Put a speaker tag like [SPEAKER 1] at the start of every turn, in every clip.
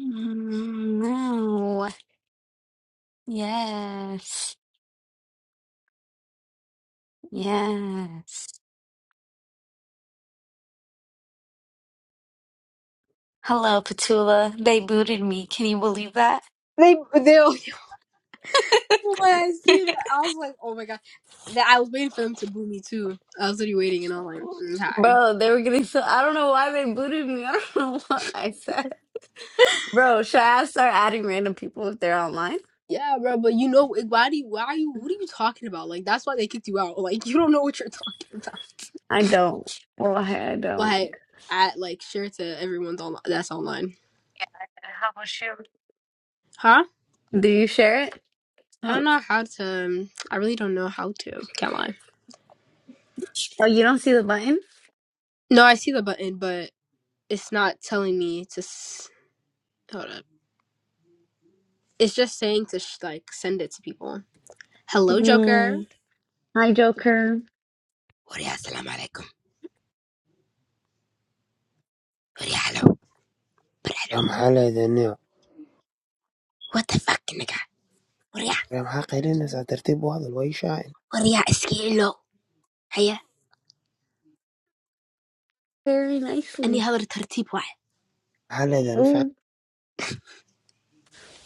[SPEAKER 1] Mm, No. Yes. Yes. Hello, Petula. They booted me. Can you believe that?
[SPEAKER 2] They they when I seen it, I was like, oh my god. That I was waiting for them to boo me too. I was already waiting, and I was like, mm, hi.
[SPEAKER 1] Bro, they were getting so I don't know why they booted me. I don't know what I said. Bro, should I start adding random people if they're online?
[SPEAKER 2] Yeah, bro. But you know, like, why do you? Why are you? What are you talking about? Like, that's why they kicked you out. Like, you don't know what you're talking about.
[SPEAKER 1] I don't. Well, I I don't.
[SPEAKER 2] like at like share to everyone's online. That's online,
[SPEAKER 1] How about you?
[SPEAKER 2] huh?
[SPEAKER 1] Do you share
[SPEAKER 2] I don't
[SPEAKER 1] it?
[SPEAKER 2] know how to. um, I really don't know how to. Can't lie.
[SPEAKER 1] Oh, you don't see the button?
[SPEAKER 2] No, I see the button, but it's not telling me to. S- hold up. It's just saying to sh- like send it to people. Hello, Joker.
[SPEAKER 1] Mm, Hi, Joker.
[SPEAKER 2] Hola, Horyalo, horyalo.
[SPEAKER 3] رام حلقة دنيا
[SPEAKER 2] What the fuck, nigga? Horya,
[SPEAKER 3] رام حلقة لنا ترتيب واضح وأي شاعر
[SPEAKER 2] horya, iskilo. Hiya,
[SPEAKER 1] Very
[SPEAKER 2] any
[SPEAKER 1] nicely.
[SPEAKER 2] other tertib wae.
[SPEAKER 3] حلقة ده مش عارف-
[SPEAKER 1] Oh,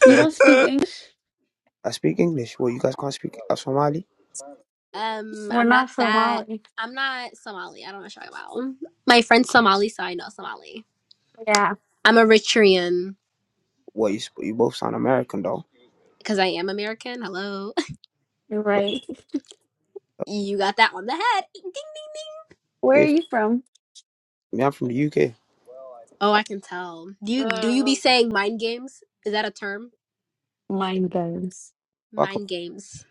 [SPEAKER 1] you
[SPEAKER 3] مش-
[SPEAKER 1] don't speak English?
[SPEAKER 3] I speak English well you guys can't speak uh, Somali
[SPEAKER 2] Um,
[SPEAKER 1] we're
[SPEAKER 2] I'm not
[SPEAKER 1] not
[SPEAKER 2] that.
[SPEAKER 1] Somali.
[SPEAKER 2] I'm not Somali. I don't know what you're talking about. My friend's Somali, so I know Somali.
[SPEAKER 1] Yeah.
[SPEAKER 2] I'm Eritrean
[SPEAKER 3] well you, sp- you both sound American though
[SPEAKER 2] because I am American. Hello.
[SPEAKER 3] but
[SPEAKER 1] Right.
[SPEAKER 2] You got that on the head. Ding, ding.
[SPEAKER 1] Where are
[SPEAKER 3] if
[SPEAKER 1] you from?
[SPEAKER 3] me, I'm from the UK
[SPEAKER 2] Oh, I can tell. Do you do you be
[SPEAKER 1] Oh,
[SPEAKER 2] saying mind games? Is that a term?
[SPEAKER 1] Mind goes.
[SPEAKER 3] fuck up
[SPEAKER 2] Mind games.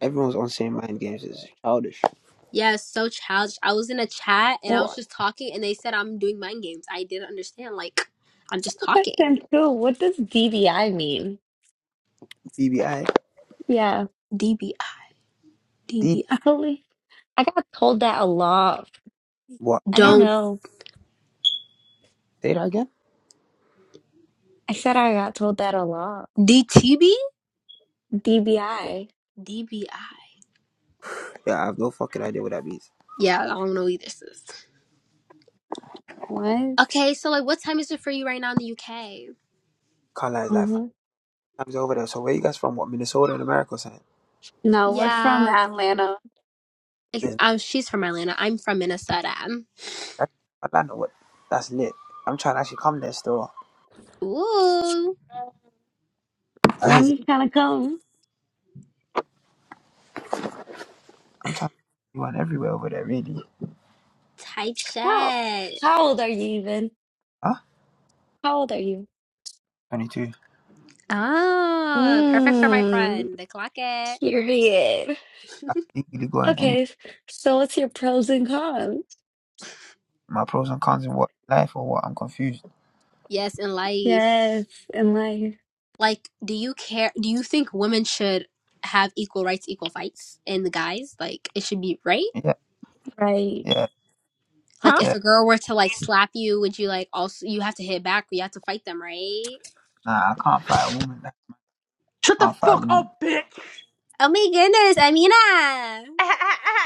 [SPEAKER 3] everyone's on the same mind games it's childish
[SPEAKER 2] Yeah, it's so childish. I was in a chat and I was
[SPEAKER 1] Well,
[SPEAKER 2] just talking, and they said I'm doing mind games. I didn't understand. Like, I'm just talking.
[SPEAKER 1] question two. What does DVI mean?
[SPEAKER 3] BBI
[SPEAKER 1] Yeah.
[SPEAKER 2] DBI.
[SPEAKER 3] D
[SPEAKER 2] DBI.
[SPEAKER 1] I totally. I got told that a lot.
[SPEAKER 3] what
[SPEAKER 1] I
[SPEAKER 3] D
[SPEAKER 1] don't
[SPEAKER 2] Don't.
[SPEAKER 1] know.
[SPEAKER 3] say that again
[SPEAKER 1] I said I got told that a lot.
[SPEAKER 2] DTB?
[SPEAKER 1] DVI.
[SPEAKER 2] DBI.
[SPEAKER 3] yeah I have no fucking idea what that means
[SPEAKER 2] Yeah, I don't know either, sis.
[SPEAKER 1] What?
[SPEAKER 2] Okay, so like, what time is it for you right now in the UK?
[SPEAKER 3] Carla is like five
[SPEAKER 1] hmm
[SPEAKER 3] times over there so where you guys from what Minnesota and America saying
[SPEAKER 1] No, we're from
[SPEAKER 2] Yeah,
[SPEAKER 1] Atlanta.
[SPEAKER 2] I,
[SPEAKER 3] there's
[SPEAKER 2] uh, she's from Atlanta. I'm from Minnesota.
[SPEAKER 3] Atlanta what that's lit I'm trying to actually come there still
[SPEAKER 2] Ooh,
[SPEAKER 3] I-
[SPEAKER 1] When you kind of come?
[SPEAKER 3] I'm trying to you everywhere over there really
[SPEAKER 2] type
[SPEAKER 1] How,
[SPEAKER 2] shit.
[SPEAKER 1] how old are you even?
[SPEAKER 3] Huh?
[SPEAKER 1] How old are you?
[SPEAKER 3] 22.
[SPEAKER 2] Ah, perfect for my
[SPEAKER 1] Mmm,
[SPEAKER 2] friend. The clock it.
[SPEAKER 1] period.
[SPEAKER 3] I can easily go in any
[SPEAKER 1] Okay, so what's your pros and cons?
[SPEAKER 3] my pros and cons in what life or what I'm confused.
[SPEAKER 2] Yes, in
[SPEAKER 1] Yes,
[SPEAKER 2] life.
[SPEAKER 1] in life,
[SPEAKER 2] Like, do you care? Do you think women should have equal rights, equal fights, and the guys? Like, it should be right.
[SPEAKER 3] Yeah,
[SPEAKER 1] right.
[SPEAKER 3] yeah,
[SPEAKER 1] Huh?
[SPEAKER 2] Like if
[SPEAKER 3] yeah.
[SPEAKER 2] a girl were to like slap you, would you like also you have to hit back? You have to fight them, right?
[SPEAKER 3] Nah, I can't fight a woman. I
[SPEAKER 4] Shut the
[SPEAKER 3] can't fight a
[SPEAKER 4] fuck
[SPEAKER 3] woman.
[SPEAKER 4] up, bitch!
[SPEAKER 2] Oh my goodness, Amina.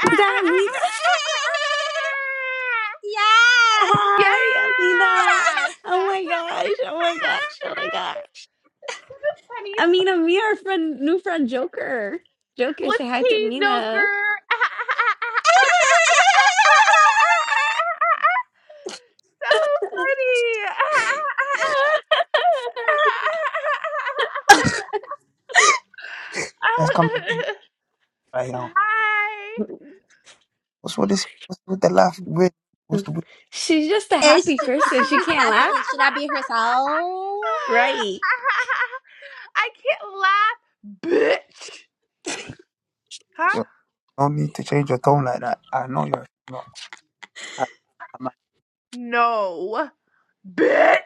[SPEAKER 1] Is that Amina?
[SPEAKER 2] Yeah.
[SPEAKER 4] yes!
[SPEAKER 1] Hi, Amina. Oh my gosh. Oh my gosh. Oh my gosh.
[SPEAKER 4] So Funny. funniest.
[SPEAKER 1] Amina, me, our friend, new friend Joker. Joker, say
[SPEAKER 4] What's
[SPEAKER 1] hi to
[SPEAKER 4] he, Joker?
[SPEAKER 1] Amina.
[SPEAKER 4] so funny.
[SPEAKER 3] That's coming right now. What's with this? What's with the laugh? Weird. what's the weird?
[SPEAKER 1] She's just a
[SPEAKER 2] Is
[SPEAKER 1] happy
[SPEAKER 2] j-
[SPEAKER 1] person.
[SPEAKER 2] she
[SPEAKER 1] She
[SPEAKER 2] just
[SPEAKER 1] can't
[SPEAKER 2] happy?
[SPEAKER 1] laugh.
[SPEAKER 2] Can she not be herself?
[SPEAKER 1] Right.
[SPEAKER 4] Hi. I can't laugh, bitch. Huh?
[SPEAKER 3] You don't need to change your tone like that. I know you're not. I, I'm not
[SPEAKER 4] No, bitch.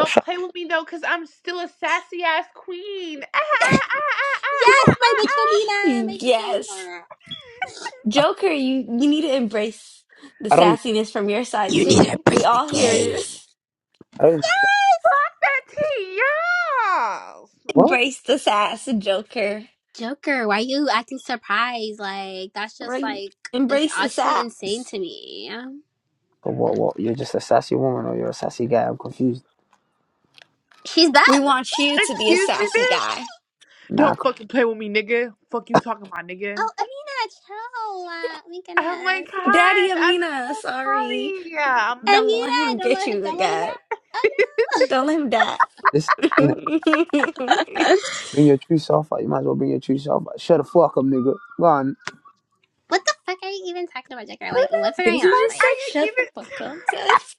[SPEAKER 3] oh, shut.
[SPEAKER 4] play with me though, cause I'm still a sassy ass queen. Ah, ah, ah, ah,
[SPEAKER 2] Yes,
[SPEAKER 4] ah,
[SPEAKER 2] my bitch
[SPEAKER 4] ah,
[SPEAKER 2] Amina, my bitch
[SPEAKER 1] Yes.
[SPEAKER 2] Amina.
[SPEAKER 4] ah.
[SPEAKER 3] I,
[SPEAKER 1] Joker, you, you need to embrace the
[SPEAKER 3] I don't. Even,
[SPEAKER 1] sassiness from your side
[SPEAKER 2] You need a
[SPEAKER 1] too.
[SPEAKER 2] break
[SPEAKER 1] We
[SPEAKER 2] the
[SPEAKER 1] all hear
[SPEAKER 2] game.
[SPEAKER 1] yours.
[SPEAKER 3] I don't. Even,
[SPEAKER 4] Fuck that tea, y'all.
[SPEAKER 3] what?
[SPEAKER 1] Embrace the sass, Joker.
[SPEAKER 2] Joker, why you acting surprised? Like that's just
[SPEAKER 1] Right.
[SPEAKER 2] like it's
[SPEAKER 1] Embrace the
[SPEAKER 2] actually insane
[SPEAKER 1] sass.
[SPEAKER 2] to me.
[SPEAKER 3] But what? What? You're just a sassy woman or you're a sassy guy? I'm confused.
[SPEAKER 2] She's
[SPEAKER 1] We
[SPEAKER 2] Beth.
[SPEAKER 1] want you to be a
[SPEAKER 4] Excuse me,
[SPEAKER 1] sassy
[SPEAKER 4] bitch.
[SPEAKER 1] guy.
[SPEAKER 3] Nah, I
[SPEAKER 4] Don't
[SPEAKER 3] can't-
[SPEAKER 4] fucking play with me, nigga. Fuck you talking about, nigga.
[SPEAKER 2] Oh, Amina, chill. Uh, oh my
[SPEAKER 4] Oh my
[SPEAKER 2] goodness.
[SPEAKER 1] Daddy
[SPEAKER 4] god, I'm so
[SPEAKER 1] Amina, sorry.
[SPEAKER 4] sorry. I'm
[SPEAKER 1] Don't
[SPEAKER 4] so.
[SPEAKER 1] let
[SPEAKER 2] Amina,
[SPEAKER 1] him
[SPEAKER 2] don't
[SPEAKER 1] get
[SPEAKER 2] let, him,
[SPEAKER 1] you
[SPEAKER 2] don't let him
[SPEAKER 1] again.
[SPEAKER 2] out. Oh,
[SPEAKER 1] Don't let him die.
[SPEAKER 3] this you know.
[SPEAKER 2] no.
[SPEAKER 3] Bring your true self out. You might as well bring your true self out. Shut the fuck up, nigga. Go on.
[SPEAKER 2] What the fuck are you even talking about, Jacker? Like, what's
[SPEAKER 1] Did
[SPEAKER 2] going
[SPEAKER 1] he
[SPEAKER 2] on?
[SPEAKER 4] What
[SPEAKER 1] just say
[SPEAKER 4] are
[SPEAKER 2] Like,
[SPEAKER 4] you
[SPEAKER 1] shut the fuck
[SPEAKER 4] even,
[SPEAKER 1] up, Seth?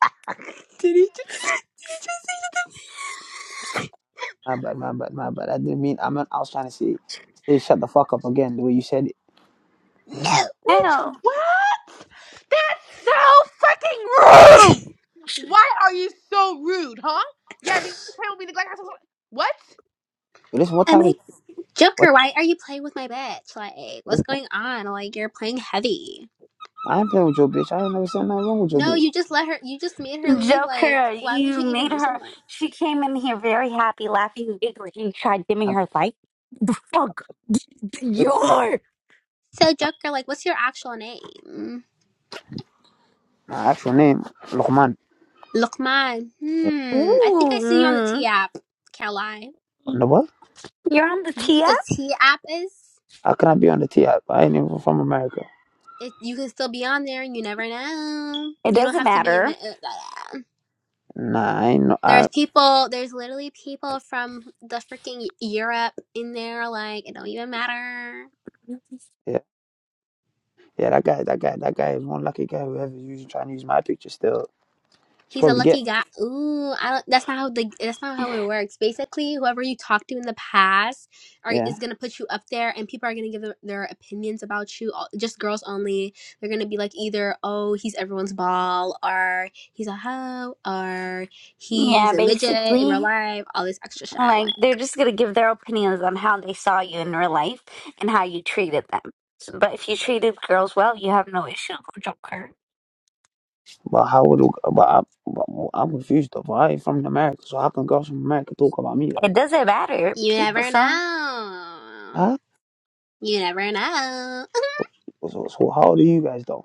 [SPEAKER 2] did he just, did he just say something?
[SPEAKER 3] My bad, my bad, my bad. I didn't mean. I meant I was trying to say, say shut the fuck up again. The way you said it.
[SPEAKER 2] No.
[SPEAKER 4] bitch?
[SPEAKER 1] Hell.
[SPEAKER 4] What? That's so fucking rude. Why are you so rude, huh? Yeah, nigga, you playing with me nigga, like I was. What?
[SPEAKER 3] Yo, Listen, what
[SPEAKER 2] I'm
[SPEAKER 3] time is
[SPEAKER 2] like,
[SPEAKER 3] what?
[SPEAKER 2] Joker, why are you playing with my bitch? Like,
[SPEAKER 3] This
[SPEAKER 2] what's going on? Like, you're playing heavy.
[SPEAKER 3] I ain't playing with your bitch. I ain't never said nothing wrong with your
[SPEAKER 2] No,
[SPEAKER 3] bitch.
[SPEAKER 2] you just let her, you just made her leave. Like,
[SPEAKER 1] Joker,
[SPEAKER 2] why would
[SPEAKER 1] you
[SPEAKER 2] you
[SPEAKER 1] made
[SPEAKER 2] even do
[SPEAKER 1] her.
[SPEAKER 2] something like
[SPEAKER 1] She came in here very happy, laughing, and giggling. You tried dimming
[SPEAKER 3] I
[SPEAKER 1] her light. The fuck?
[SPEAKER 3] bring back
[SPEAKER 1] You're.
[SPEAKER 2] that? So,
[SPEAKER 3] my,
[SPEAKER 2] Joker, like, what's your actual name?
[SPEAKER 3] my actual name, Luqman.
[SPEAKER 2] Lukman.
[SPEAKER 3] Eh,
[SPEAKER 2] Hmm. I think I
[SPEAKER 1] Ooh.
[SPEAKER 2] see you on the
[SPEAKER 1] mm.
[SPEAKER 2] T app. Can't lie.
[SPEAKER 3] No what?
[SPEAKER 1] You're on the
[SPEAKER 2] Do you know what
[SPEAKER 1] TF?
[SPEAKER 2] the T app is?
[SPEAKER 3] How can I be on the T? I, I ain't even from America.
[SPEAKER 2] It, you can still be on there, and you never know.
[SPEAKER 1] It
[SPEAKER 2] You don't
[SPEAKER 1] doesn't
[SPEAKER 2] have to be. in-
[SPEAKER 1] matter.
[SPEAKER 2] uh, uh,
[SPEAKER 3] Nah, I ain't no.
[SPEAKER 2] There's
[SPEAKER 3] I
[SPEAKER 2] people. There's literally people from the freaking E-, Europe in there. Like it don't even matter.
[SPEAKER 3] yeah, yeah. That guy, that guy, that guy is one lucky guy who ever used trying to use my picture. Still, he's
[SPEAKER 2] He's a
[SPEAKER 3] probably get.
[SPEAKER 2] lucky guy. Ooh, I don't. That's not how the. That's not how it works. Basically, whoever you talked to in the past are
[SPEAKER 3] Yeah.
[SPEAKER 2] is gonna put you up there, and people are gonna give their, their opinions about you. all- Just girls only. They're gonna be like either, oh, he's everyone's ball, or he's a hoe, or he's
[SPEAKER 1] Yeah,
[SPEAKER 2] a midget in real
[SPEAKER 1] basically.
[SPEAKER 2] life. All this extra shit. Like
[SPEAKER 1] Like they're just gonna give their opinions on how they saw you in real life and how you treated them. So, but if you treated girls well, you have no issue with Joker.
[SPEAKER 3] But how would but I but I'm confused though. But I ain't from America, so how can girls from America talk about me though?
[SPEAKER 1] It doesn't matter.
[SPEAKER 2] you
[SPEAKER 1] People,
[SPEAKER 2] never
[SPEAKER 1] some
[SPEAKER 2] know.
[SPEAKER 3] Huh?
[SPEAKER 2] You never know.
[SPEAKER 3] So, so, so how do you guys though?